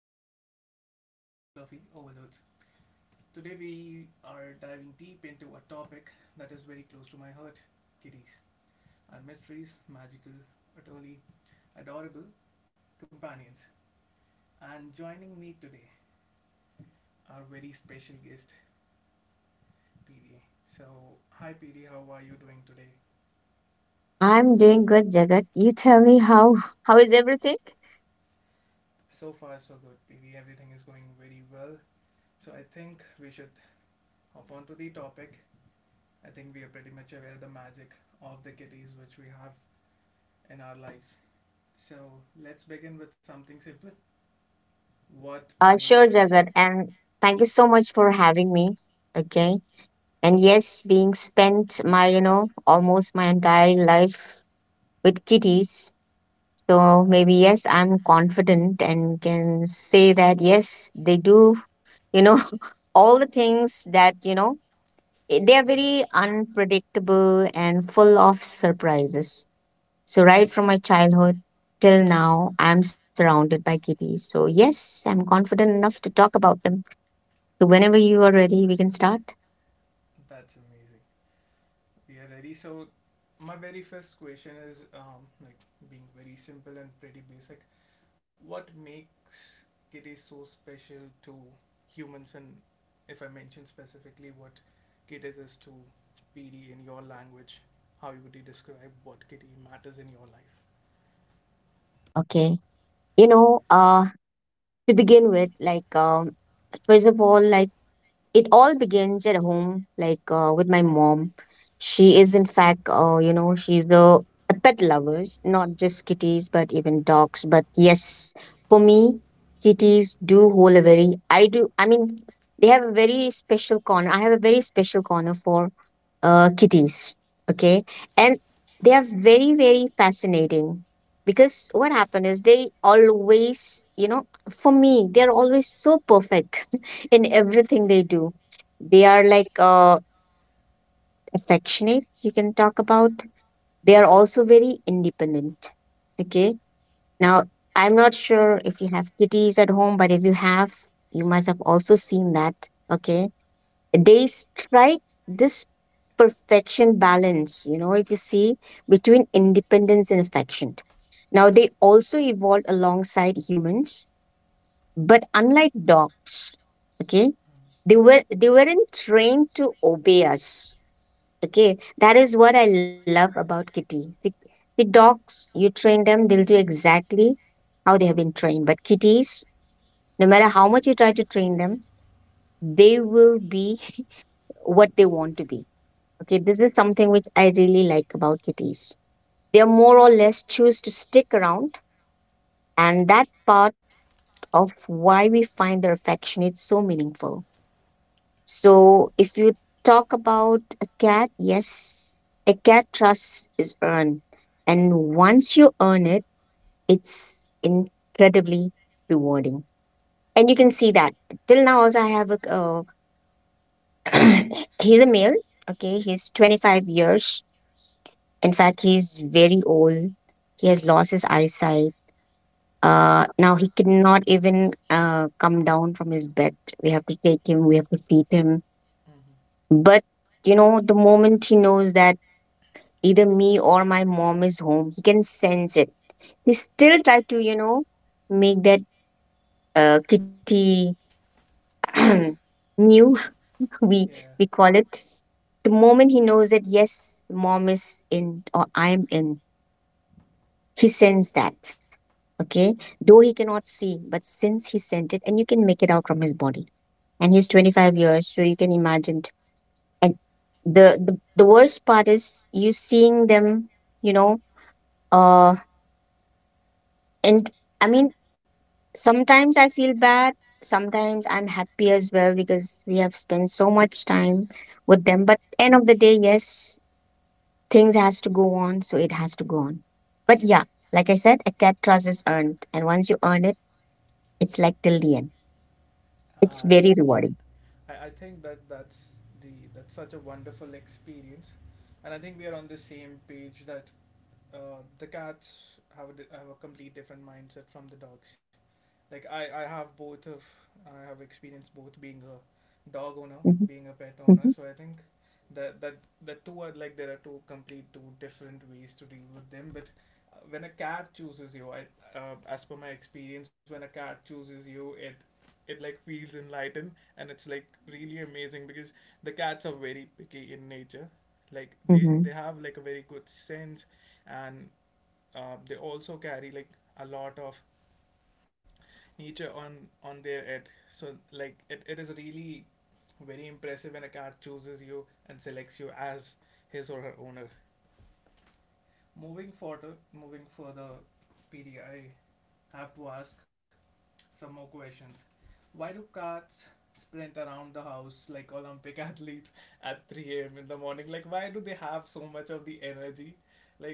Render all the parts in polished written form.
proud serving to my two fluffy overlords. Today we are diving deep into a topic that is very close to my heart: kitties, our mysteries, magical, utterly adorable companions. And joining me today, our very special guest PD. So, hi PD, how are you doing today? I'm doing good, Jagat. You tell me how is everything? So far, so good, PD. Everything is going very well. So, I think we should hop on to the topic. I think we are pretty much aware of the magic of the kitties which we have in our lives. So, let's begin with something simple. What Uh, makes sure, it? Jagat, and thank you so much for having me. Okay, and yes, being spent my almost my entire life with kitties, so maybe yes, I'm confident and can say that yes, they do you know all the things that they are Mhm. very unpredictable and full of surprises. So, right from my childhood till now, I'm surrounded by kitties. So, yes, I'm confident enough to talk about them. So, whenever you are ready, we can start. That's amazing. We are ready. So, my very first question is like being very simple and pretty basic. What makes it is so special to humans, and if I mention specifically what KIDIS is to PD in your language, how would you describe what kitty matters in your life? Okay. You know, uh, to begin with, first of all, like, it all begins at home, like, with my mom. She is, in fact, she's the a pet lover, not just kitties, but even dogs. But yes, for me, kitties do hold a very, I do, I mean, they have a very special corner. I have a very special corner for kitties. Okay. And they are very, very fascinating because what happened is they always, you know, for me, they're always so perfect in everything they do. They are like affectionate, you can talk Uh-huh. about. They are also very independent. Okay. Now, I'm not sure if you have kitties at home, but if you have, you must have also seen that. Okay. They strike this perfection balance, you know, if you see between independence and affection. Now, they also evolved alongside humans, but unlike dogs, okay, they weren't trained to obey us. Okay, that is what I love about kitty. The dogs, you train them, they'll do exactly how they have been trained. But kitties, no matter how much you try to train them, they will be what they want to be. Okay, this is something which I really like about kitties. They more or less choose to stick around. And that part of why we find their affectionate so meaningful. So if you talk about a cat, yes, a cat trust is earned. And once you earn it, it's incredibly rewarding. And you can see that. Till now, also, I have a. He's a male. Okay, he's 25 years. In fact, he's very old. He has lost his eyesight. Now he cannot even come down from his bed. We have to take him, we have to feed him. Mm-hmm. Mm-hmm. But, you know, the moment he knows that either me or my mom is home, he can sense it. He still try to, you know, make that kitty mew, we, we Yeah. call it. The moment he knows that, yes, mom is in or I'm in, he sends that. Okay, though he cannot see, but since he sent it, and you can make it out from his body, and he's 25 years, so you can imagine. And the worst part is you seeing them, you know uh and i mean sometimes I feel bad, sometimes I'm happy as well because we have spent so much time with them, but end of the day, yes, things has to go on, so it has to go on. But yeah, like I said, a cat trust is earned, and once you earn it, it's like till the end, it's very Yeah. rewarding. I think that's such a wonderful experience, and I think we are on the same page that the cats have a complete different mindset from the dogs. Like I have experienced both being a dog owner, Hmm. being a pet owner. Hmm. So I think that there are two different ways to deal with them, but when a cat chooses you, as per my experience, when a cat chooses you, it like feels enlightened, and it's like really amazing because the cats are very picky in nature, like they Hmm. have like a very good sense, and they also carry like a lot of Nietzsche on their head. So like it is really very impressive when a car chooses you and selects you as his or her owner. Moving further, PD I have to ask some more questions. Why do cats sprint around the house like Olympic athletes at 3 a.m. in the morning? Like, why do they have so much of the energy? Like,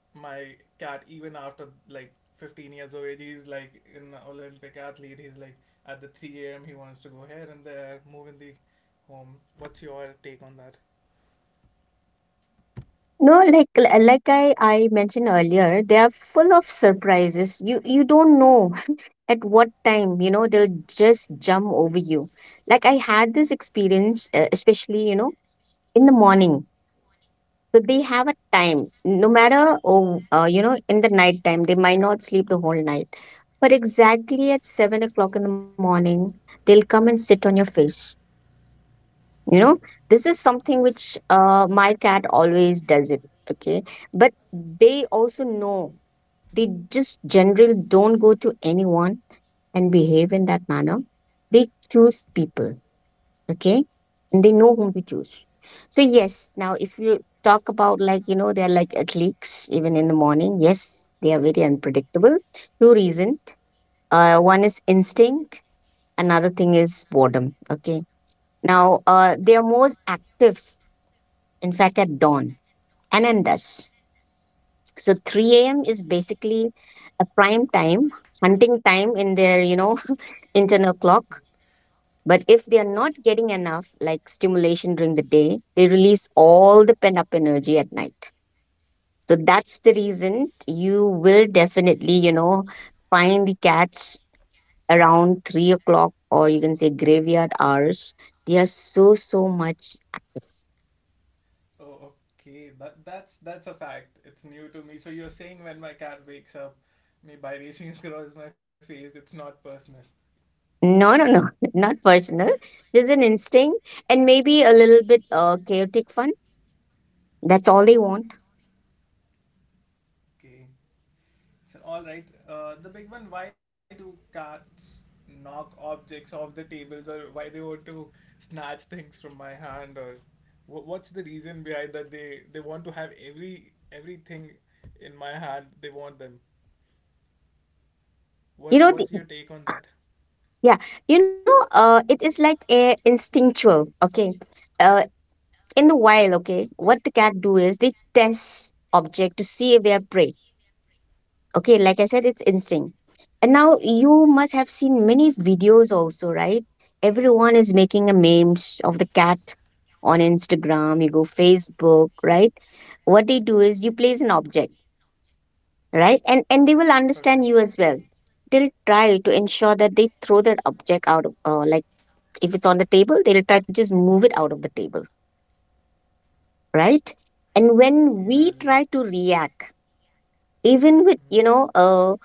my cat, even after like 15 years of age, he's like an olympic athlete. He's like at the 3 a.m., he wants to go here and there, move in the home. What's your take on that? No, like I mentioned earlier, they are full of surprises. You don't know at what time, you know, they'll just jump over you. Like I had this experience, especially, you know, in the morning. So they have a time, no matter, you know, in the night time, they might not sleep the whole night. But exactly at 7 o'clock in the morning, they'll come and sit on your face, you know. This is something which my cat always does it. Okay, but they also know they just generally don't go to anyone and behave in that manner. They choose people. Okay, and they know whom to choose. So yes, now if you talk about, like, you know, they're like athletes even in the morning, yes, they are very unpredictable. Two reasons: one is instinct, another thing is boredom. Okay, now they are most active in fact at dawn anandas. So 3 a.m. is basically a prime time, hunting time in their, you know, internal clock. But if they are not getting enough like stimulation during the day, they release all the pent up energy at night. So that's the reason you will definitely, you know, find the cats around 3 o'clock, or you can say graveyard hours. They are so, so much active. Oh, okay, that that's a fact. It's new to me. So you're saying when my cat wakes up me by racing across my face, it's not personal? No, no, no, not personal. There's an instinct and maybe a little bit chaotic fun. That's all they want. Okay. So, all right. The big one: why do cats knock objects off the tables, or why they want to snatch things from my hand, or what's the reason behind that? They want to have everything in my hand, they want them. What's your You know, take the, on that? yeah, you know, it is like a instinctual. Okay, uh, in the wild, okay, what the cat do is they test object to see if they are prey. Okay, like I said, it's instinct. And now you must have seen many videos also, right? Everyone is making a memes of the cat on Instagram, you go Facebook, right? What they do is you place an object, right? And they will Okay. understand you as well. They'll try to ensure that they throw that object out of like if it's on the table, they'll try to just move it out of the table, right? And Yeah. When Mhm. we try to react, even with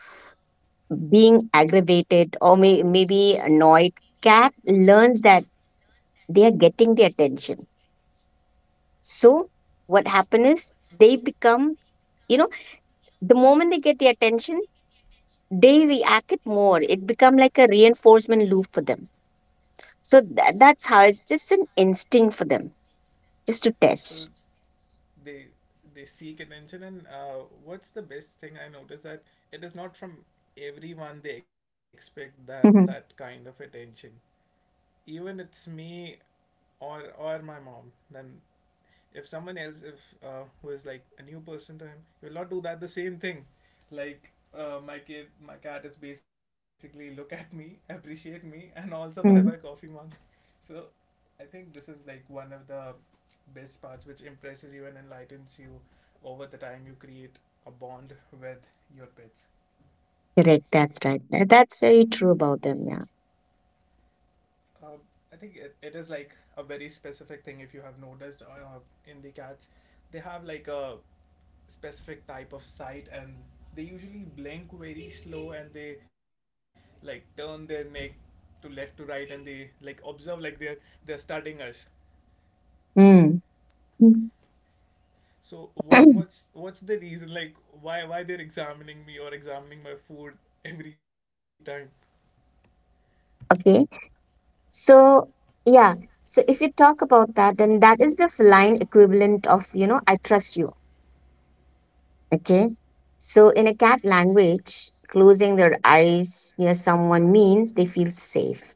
being aggravated or maybe annoyed, cat learns that they are getting the attention. So what happens is they become, you know, the moment they get the attention, they react it more. It become like a reinforcement loop for them. So S- that's how it's just an instinct for them, just to So test. they they seek attention, and what's the best thing I noticed, that it is not from everyone they expect that that Mhm. kind of attention. Even it's me or my mom. Then if someone else, if who is like a new person to him, he will not do that the same thing. Like my cat is basically look at me appreciate me and also buy my Mm. coffee mug so I think this is like one of the best parts which impresses you and enlightens you. Over the time, you create a bond with your pets. Correct. That's right. That's very true about them. Yeah. Uh, I think it is like a very specific thing, if you have noticed in the cats. They have like a specific type of sight, and they usually blink very slow, and they like turn their neck to left to right, and they like observe, like they're studying us. Mm. Mm. So what's the reason, like why they're examining me or examining my food every time? Okay. So, yeah. So if you talk about that, then that is the feline equivalent of, you know, I trust you. Okay. So in a cat language, closing their eyes near someone means they feel safe.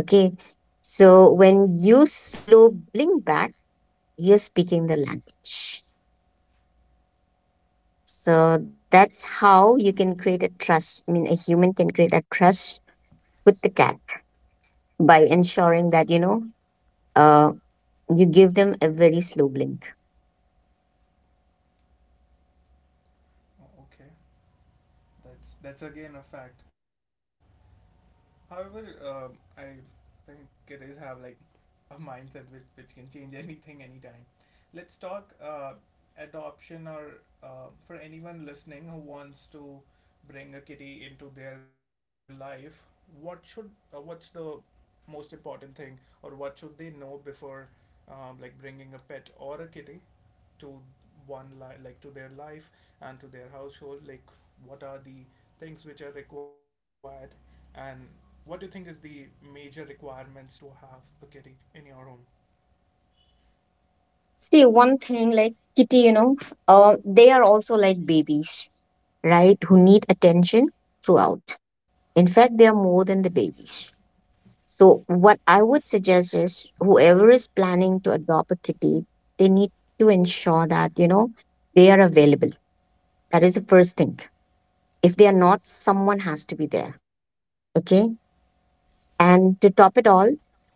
Okay. So when you slow blink back, you're speaking the language. So that's how you can create a trust. I mean, a human can create a trust with the cat by ensuring that, uh, you give them a very slow blink. Oh, okay, that's again a fact. However, I think kiddies have like a mindset which can change anything anytime. Let's talk adoption, or for anyone listening who wants to bring a kitty into their life. What's the most important thing, or what should they know before like bringing a pet or a kitty to one li- like to their life and to their household? Like, what are the things which are required, and what do you think is the major requirements to have a kitty in your home? See, one thing like Kitty, you know, they are also like babies, right? Who need attention throughout. In fact, they are more than the babies. So, what I would suggest is whoever is planning to adopt a kitty, they need to ensure that, you know, they are available. That is the first thing. If they are not, someone has to be there. Okay. And to top it all,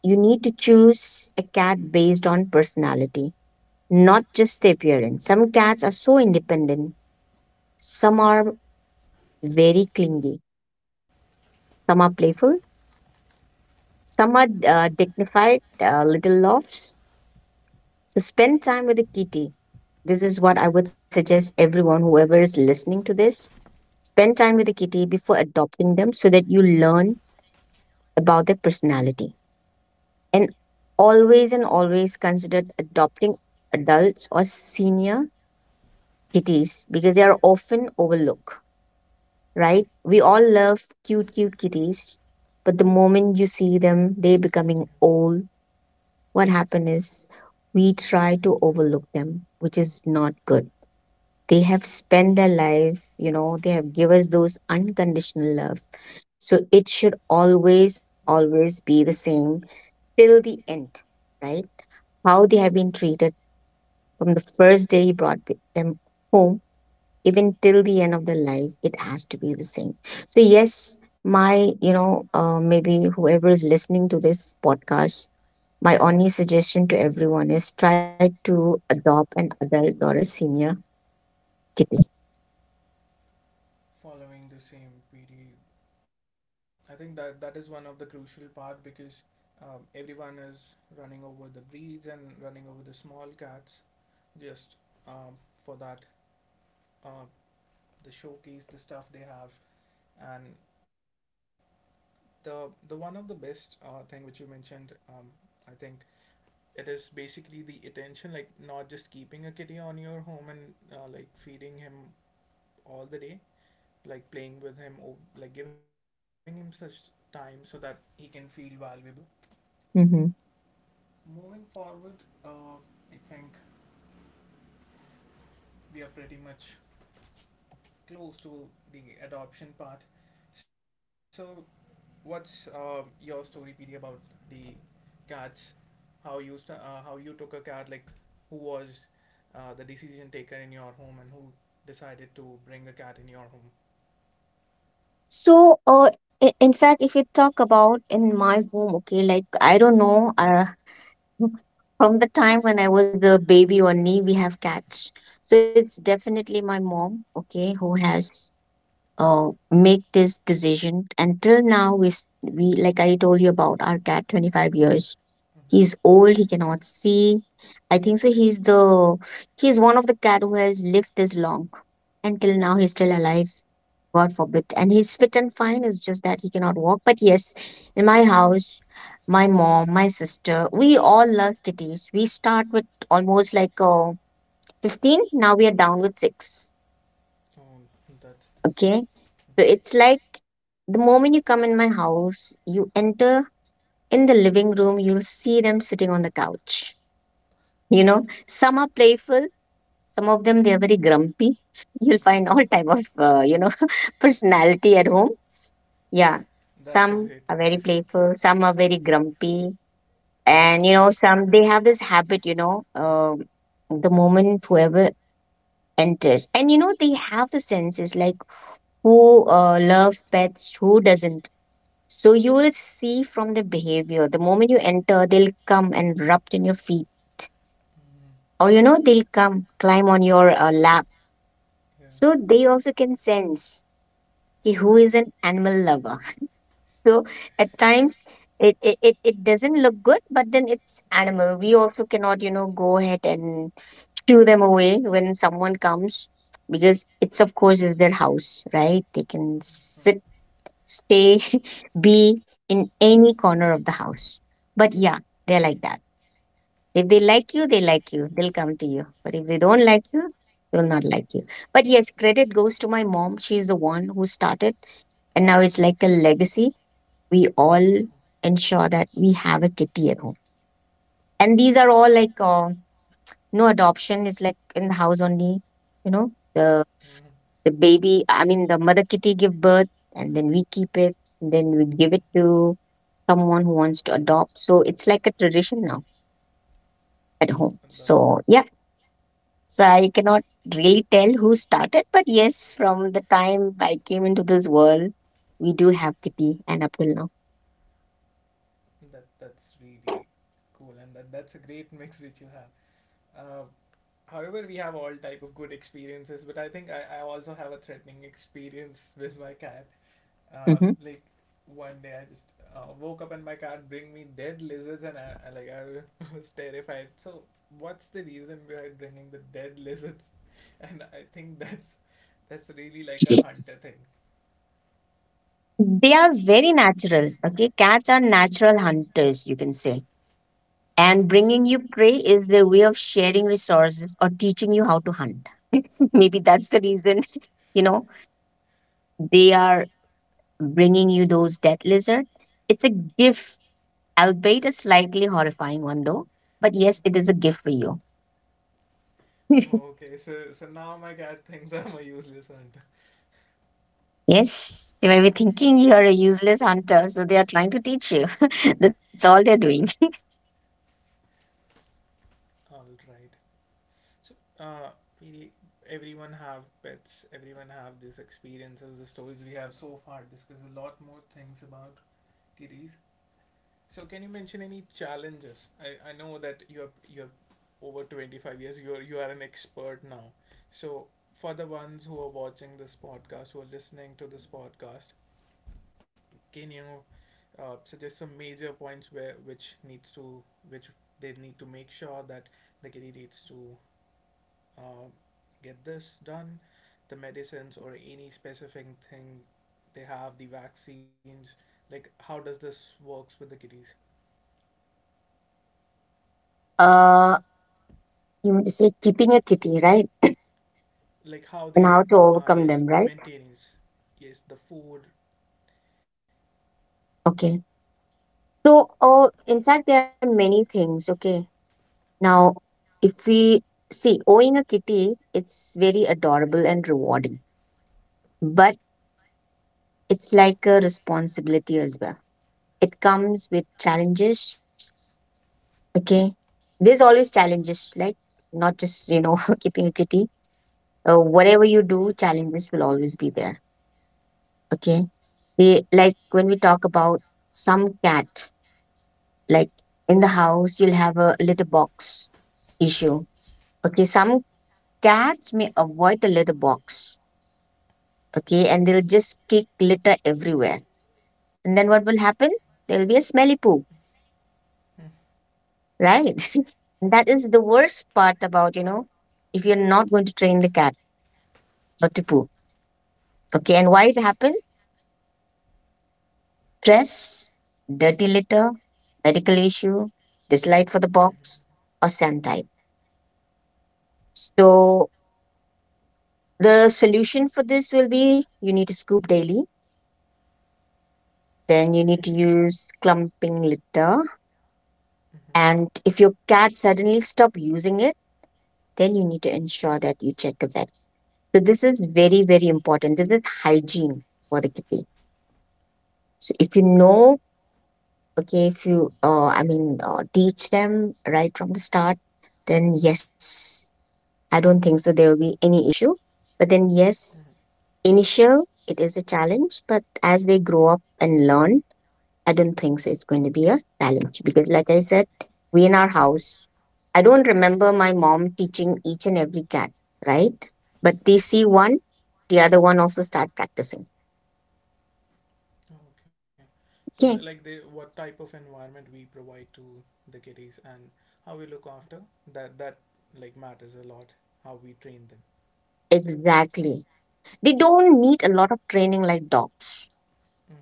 you need to choose a cat based on personality, not just the appearance. Some cats are so independent. Some are very clingy, some are playful, some are dignified, little laughs. So spend time with the kitty. This is what I would suggest everyone, whoever is listening to this, spend time with the kitty before adopting them so that you learn about their personality. And and always consider adopting adults or senior kitties because they are often overlooked. Right? We all love cute, cute kitties, but the moment you see them, they Yeah. becoming old. What happen is we try to overlook them, which is not good. They have spent their life, you know, they have give us those unconditional love. So it should always, always be the same till the end, right? How they have been treated from the first day you brought them home, even till the end of the life, it has to be the same. So yes, my maybe whoever is listening to this podcast, my only suggestion to everyone is try to adopt an adult or a senior kitty. Following the same, PD. I think that that is one of the crucial part, because everyone is running over the breeds and running over the small cats, just um, for that, uh, the showcase, the stuff they have. And the one of the best thing which you mentioned, um, I think it is basically the attention, like not just keeping a kitty on your home and like feeding him all the day, like playing with him, or like giving him such time so that he can feel valuable. Hmm. Moving forward, uh, I think we are pretty much close to the adoption part. So, what's your story, PD, about the cats? How you took a cat? Like, who was the decision taker in your home, and who decided to bring a cat in your home? So uh, in fact, if you talk about in my home, okay, like I don't know, from the time when I was the baby only we have cats. So it's definitely my mom, okay, who has make this decision. Until now, we, like I told you about our cat, 25 years, he's Mm-hmm. old, he cannot see. I think so he's the, he's one of the cat who has lived this long. Until now he's still alive, god forbid, and he's fit and fine, it's just that he cannot walk. But yes, in my house, my mom, my sister, we all love kitties. We start with almost like 15, now we are down with 6. Oh, that's Okay, really. so it's like the moment you come in my house, you enter in the living room, you'll see them sitting on the couch. You know, some are playful, some of them they are very grumpy. You'll Mm-hmm. find all type of personality at home. Yeah, some That's a are great very mix. playful, some are very grumpy, and you know some they have this habit. The moment whoever enters, and you know they have the senses like who loves pets, who doesn't. So you will see from the behavior, the moment you enter, they'll come and rub on your feet, Mm, or you know, they'll come climb on your lap. yeah. So they also can sense ki who is an animal lover. So at times it doesn't look good, but then it's animal. We also cannot, you know, go ahead and shoo them away when someone comes because it's of course is their house, right? They can Mm. sit stay, be in any corner of the house. But yeah, they're like that. If they like you, they like you. They'll come to you. But if they don't like you, they will not like you. But yes, credit goes to my mom. She's the one who started. And now it's like a legacy. We all ensure that we have a kitty at home. And these are all like no adoption is like in the house only, you know, the the baby, I mean, the mother kitty give birth and then we keep it, and then we give it to someone who wants to adopt. So it's like a tradition now at home. So yeah, so I cannot really tell who started, but yes, from the time I came into this world, we do have kitty and up till now. That's really cool, and that's a great mix which you have. Uh, however, we have all type of good experiences, but I think I also have a threatening experience with my cat. Uh, Mhm. like One day I just woke up and my cat bring me dead lizards, and I was terrified. So what's the reason behind bringing the dead lizards? And I think that's really like a hunter thing. They are very natural. Okay, cats are natural hunters, you can say. And bringing you prey is their way of sharing resources or teaching you how to hunt. Maybe that's the reason, you know, they are bringing you those dead lizard. It's a gift, albeit a slightly horrifying one though. But yes, it Mhm. is a gift for you. Okay, so now my cat thinks I'm a useless hunter. Yes, they may be thinking you are a useless hunter, so they are trying to teach you. That's all they're doing. All right. So uh, we everyone have pets. Everyone have these experiences. The stories we have so far discuss a lot more things about kitties. So can you mention any challenges? I know that you're over 25 years. You are an expert now. So for the ones who are watching this podcast, who are listening to this podcast, can you suggest some major points where which needs to which they need to make sure that the kitty needs to uh, get this done, the medicines or any specific thing they have, the vaccines? Like, how does this works with the kitties, Uh, you want to say keeping a kitty, right? like how And they how to overcome yes, the them, right? maintenance, yes, the food. Okay. So, oh, in fact, there are many things. Okay. Now, if we see owning a kitty, it's very adorable and rewarding. But it's like a responsibility as well. It comes with challenges. Okay. There's always challenges, like not just, you know, keeping a kitty. Whatever you do, challenges will always be there. Okay. We, like when we talk about some cat, like in the house, you'll have a litter box issue. Okay. Some cats may avoid the litter box. Okay. And they'll just kick litter everywhere. And then what will happen? There'll be a smelly poo, Hmm. right? Mm. That is the worst part about, you know, if you're not going to train the cat or to poo. Okay, and why it happened? Stress, dirty litter, medical issue, dislike for the Mhm. box, or sand type. So the solution for this will be you need to scoop daily, All then you right. need to use clumping litter. Mhm. And if your cat suddenly stop using it, then you need to ensure that you check a vet. So this is very, very important. This is hygiene for the kitty. So if you Oh. know, okay, if you I mean teach them right from the start, then yes, I don't think so there will be any issue, but then yes, Mhm. initial it is a challenge, but as they grow up and learn, I don't think so it's going to be a challenge, because like I said, we in our house, I don't remember my mom teaching each and every cat, right? But they see one, the other one also start practicing. Oh, okay. So, like, the Okay, what type of environment we provide to the kiddies, and how we look after that, that like matters a lot. How we train them. exactly, they don't need a lot of training like dogs. Hmm.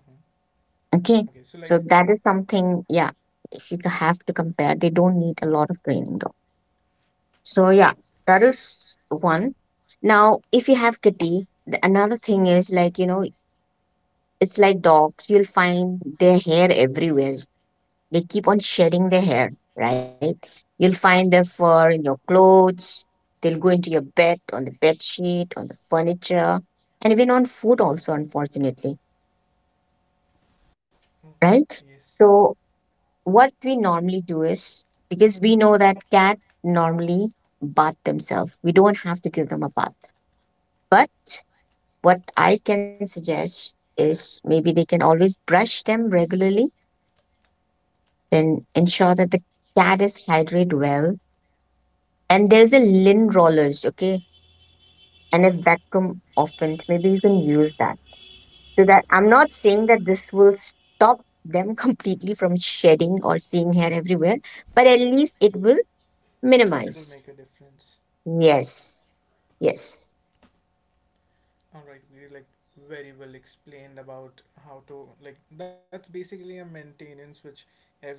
Okay. Okay, So, like, so that is something, yeah, if you ca- have to compare, they don't need a lot of training though. So, yeah, that is one. Now, if you have kitty, the, another thing is like, you know, it's like dogs, you'll find their hair everywhere. They keep on shedding their hair, right? You'll find their yes. fur in your clothes. They'll go into your bed, on the bed sheet, on the furniture, and even on food also, unfortunately, Mm, yes, right? So what we normally do is because we know that cat normally bath themselves, we don't have to give them a bath, but what I can suggest is maybe they can always brush them regularly, then ensure that the cat is hydrated well, and there's a lint rollers, okay, and a vacuum often maybe you can use that. So that, I'm not saying that this will stop them completely from shedding or seeing hair everywhere, but at least it will it will make a minimize. difference. Yes. Yes. All right. We like very well explained about how to, like, that's basically a maintenance which every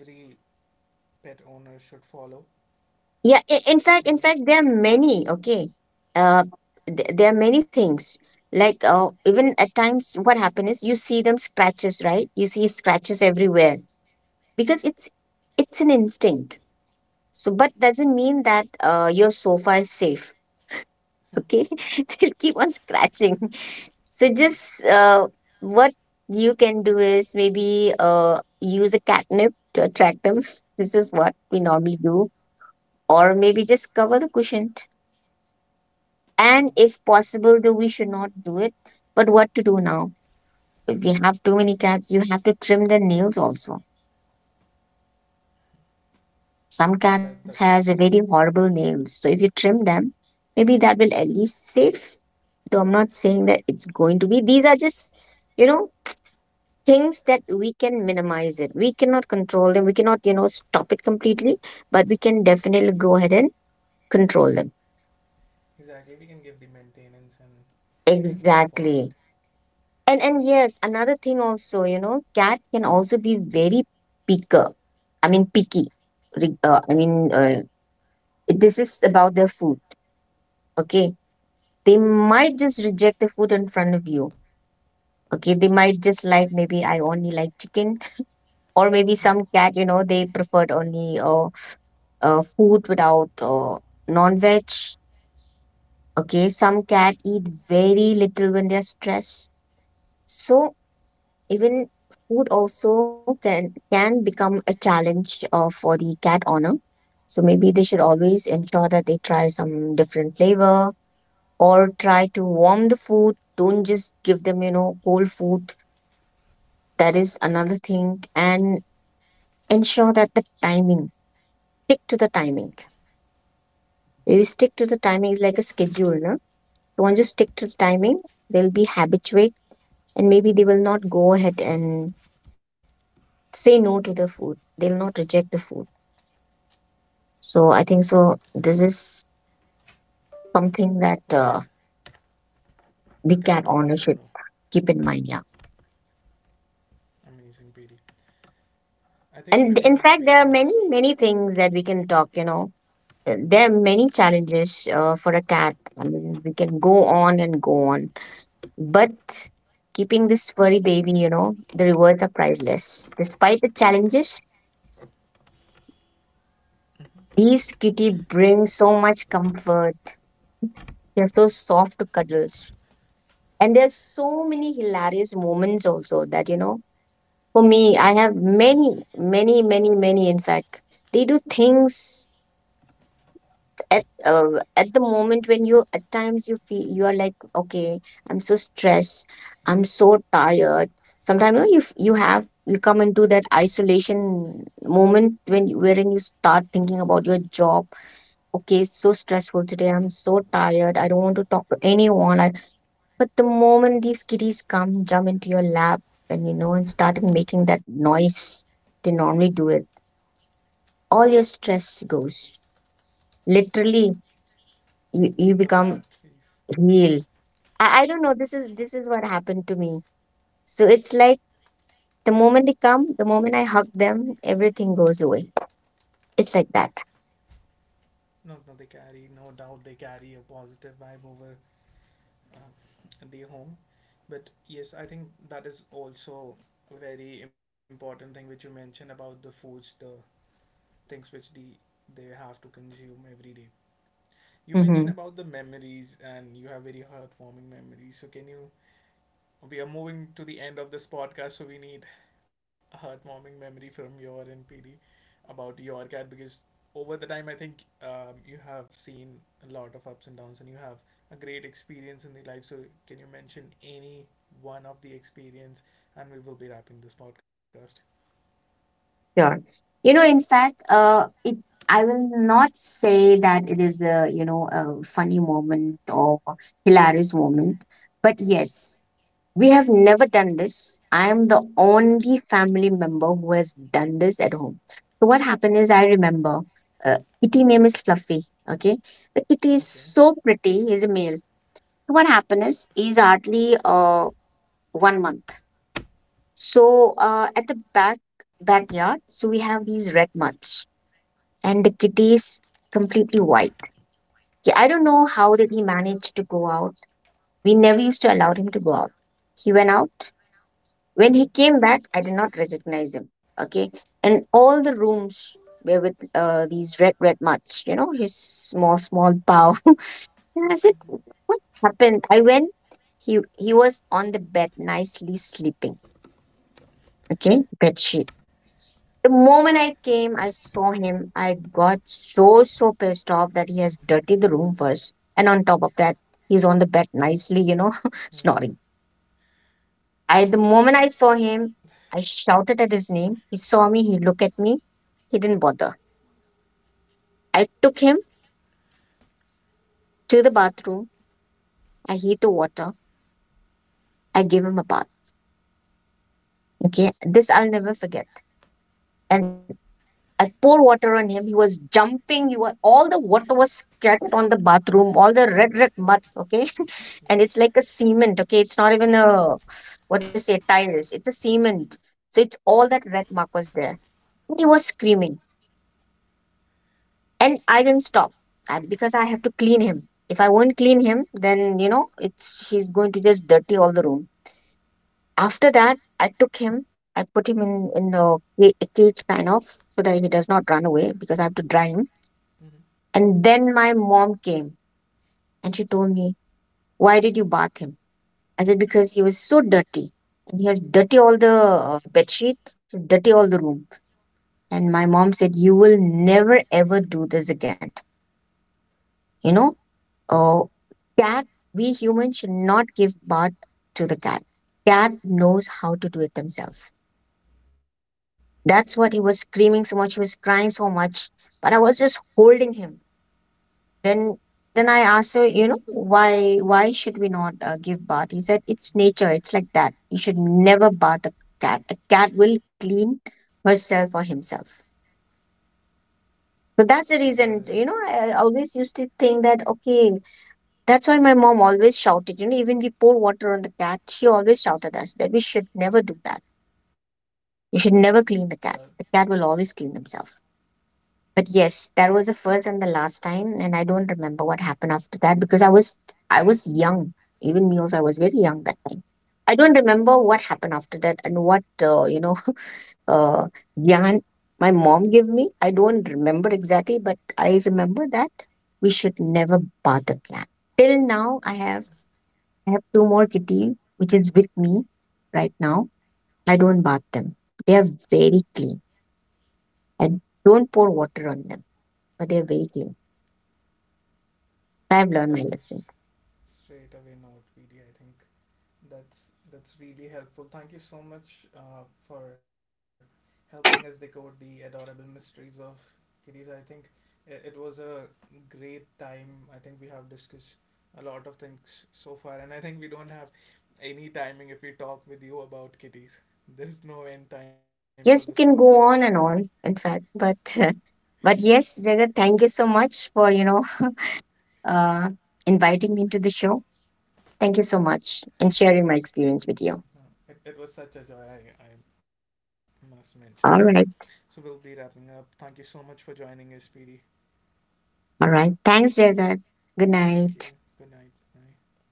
pet owner should follow. Yeah. In And fact, there are many. Okay. Uh, there are many things. Like even at times, what happen is you see them scratches, right? You see scratches everywhere because it's an instinct. So, but doesn't mean that your sofa is safe. Okay, they'll keep on scratching. So mhm. just what you can do is maybe use a catnip to attract them. This is Oh, what we normally do, or maybe just cover the cushion. oh And that if possible, though we should not do it. But what to do now? If we have too many cats, you have to trim their nails also. Some that's cats has a very horrible nails, so if you trim them, maybe that will at least save. Though I'm not saying that it's going to be. These are just, you know, things that we can minimize it. We cannot control them. We cannot, you know, stop it completely, but we can definitely go ahead and control them. exactly. We can give the maintenance and we can look forward. Exactly. And yes, another thing also, you know, cat can also be very picker. I mean picky. Re- Uh, I mean, uh, this is about their food. Okay, they might just reject the food in front of you. Okay, they might just like, maybe I only like chicken, Mhm. or maybe some cat, you know, they preferred only food without non-veg. Okay, some cat eat very little when they're stressed. So even food also can become a challenge for the cat owner. So maybe they should always ensure that they try some different flavor or try to warm the food. Don't just give them, you know, cold food. That is another thing. And ensure that the timing, stick to the timing. If you stick to the timing, is like a schedule, no? Don't just stick to the timing. They'll be habituate and maybe they will not go ahead and say no to the food. They'll not reject the food. So I think so. This is something Okay, that a cat the owner cat should know. owner should keep in mind. Yeah, Amazing, PD. I think pretty much and we in fact, there are many understand many things that we can talk. You know, there are many challenges for a cat. I mean, we can go on and go on, but keeping this furry baby, you know, the rewards are priceless. Despite the challenges, these kitty bring so much comfort. They're so soft to cuddles. And there's so many hilarious moments also that you know, for me, I have many, many, many, many. In fact, they do things at uh, at the moment when you at times you feel you are like, okay, I'm so stressed, I'm so tired. Sometimes you know, you f- you have you come into that isolation moment when you, wherein you start thinking about your job. Okay, it's so stressful today. I'm so tired. I don't want to talk to anyone. But the moment these kitties come, jump into your lap, and you know, and starting making that noise, they normally do it. All your stress goes. Literally, the you bad become thief. real. I don't know. This is what happened to me. So it's like the moment they come, the moment I hug them, everything goes away. It's like that. No, no, they carry, no doubt they carry a positive vibe over uh, the home. But yes, I think that is also a very important thing which you mentioned, about the foods, the things which they have to consume every day. You mentioned about the Mm-hmm. memories, and you have very heartwarming memories, so can you, we are moving to the end of this podcast, so we need a heartwarming memory from your NPD about your cat, because over the time, I think you have seen a lot of ups and downs, and you have a great experience in the life. So, can you mention any one of the experience? And we will be wrapping this podcast. Sure. You know, in fact, it. I will not say that it is a you know a funny moment or hilarious moment, but yes, we have never done this. I am the only family member who has done this at home. So, what happened is, I remember kitty name is Fluffy. Okay. The Okay. kitty is so pretty, he's a male. So what happened is, he's hardly 1 month. So, at the back backyard, so we have these red mutts, and the kitty is completely white. Okay, I don't know how did he manage to go out. We never used to allow him to go out. He went out. Mm-hmm. When he came back, I did not recognize him. Okay. And all the rooms were with these red, red mutts, you know, his small, small paw. And I said, what happened? I went, he was on the bed, nicely sleeping. Okay. Bed sheet. The moment I came, I saw him. I got so, so pissed off that he has dirtied the room first. And on top of that, he's on the bed nicely, you know, Mm-hmm. snoring. I the moment I saw him, I shouted at his name. He saw me, he looked at me. He didn't bother. I took him to the bathroom. I heat the water. I gave him a bath. Okay, this I'll never forget. And I pour water on him. He was jumping. He was all the water was scattered on the bathroom, all the red mud. Okay, and it's like a cement. Okay, it's not even a what to say tiles. It's a cement. So it's all that red mark was there. And he was screaming. And I didn't stop, because I have to clean him. If I won't clean him, then you know it's she's going to just dirty all the room. After that, I took him. I put him in cage kind of, so that he does not run away because I have to dry him. Mm-hmm. And then my mom came and she told me, "Why did you bath him?" I said, "Because he was so dirty and he has dirty all the bed sheet, dirty all the room." And my mom said, "You will never ever do this again. You know, uh, cat, we humans should not give birth to the cat. Cat knows how to do it themselves." That's what, he was screaming so much. He was crying so much, but I was just holding him. Then, then I asked her, you know, why should we not give bath? He said, it's nature. It's like that. You should never bath a cat. A cat will clean herself or himself. Mhm. So That that's is the reason. You know, I always used to think that, okay, that's why my mom always shouted, you know, even we pour water on the cat, she always shouted us that we should never do that. You should that never clean the cat. The cat will always clean himself. But yes, that was the first and the last time, and I don't remember what happened after that because I was young. Even me also, I was very young that time. I don't remember what happened after that and what you know uh, Jan my mom gave me. I don't remember exactly, but I remember that we should never bath the cat. Till now, I have two more kitty, which is with me right now. I don't bath them. They are very clean. I don't pour water on them, but they are very clean. I've learned that my is lesson. straight away, not PD, I think. That's really helpful. Thank you so much for helping us decode the adorable mysteries of kitties. I think it was a great time. I think we have discussed a lot of things so far, and I think we don't have any timing if we talk with you about kitties. There's no end time for this Yes, podcast. we can go on and on, in fact, but but yes, Jagat, thank you so much for uh, inviting me into the show. Thank you so much and sharing my experience with you. Uh, it was such a joy. I must mention that. All So right, we'll be wrapping up. Thank you so much for joining us, PD. all right. Thanks, Jagat. Good Thank you. night. Good night. Bye.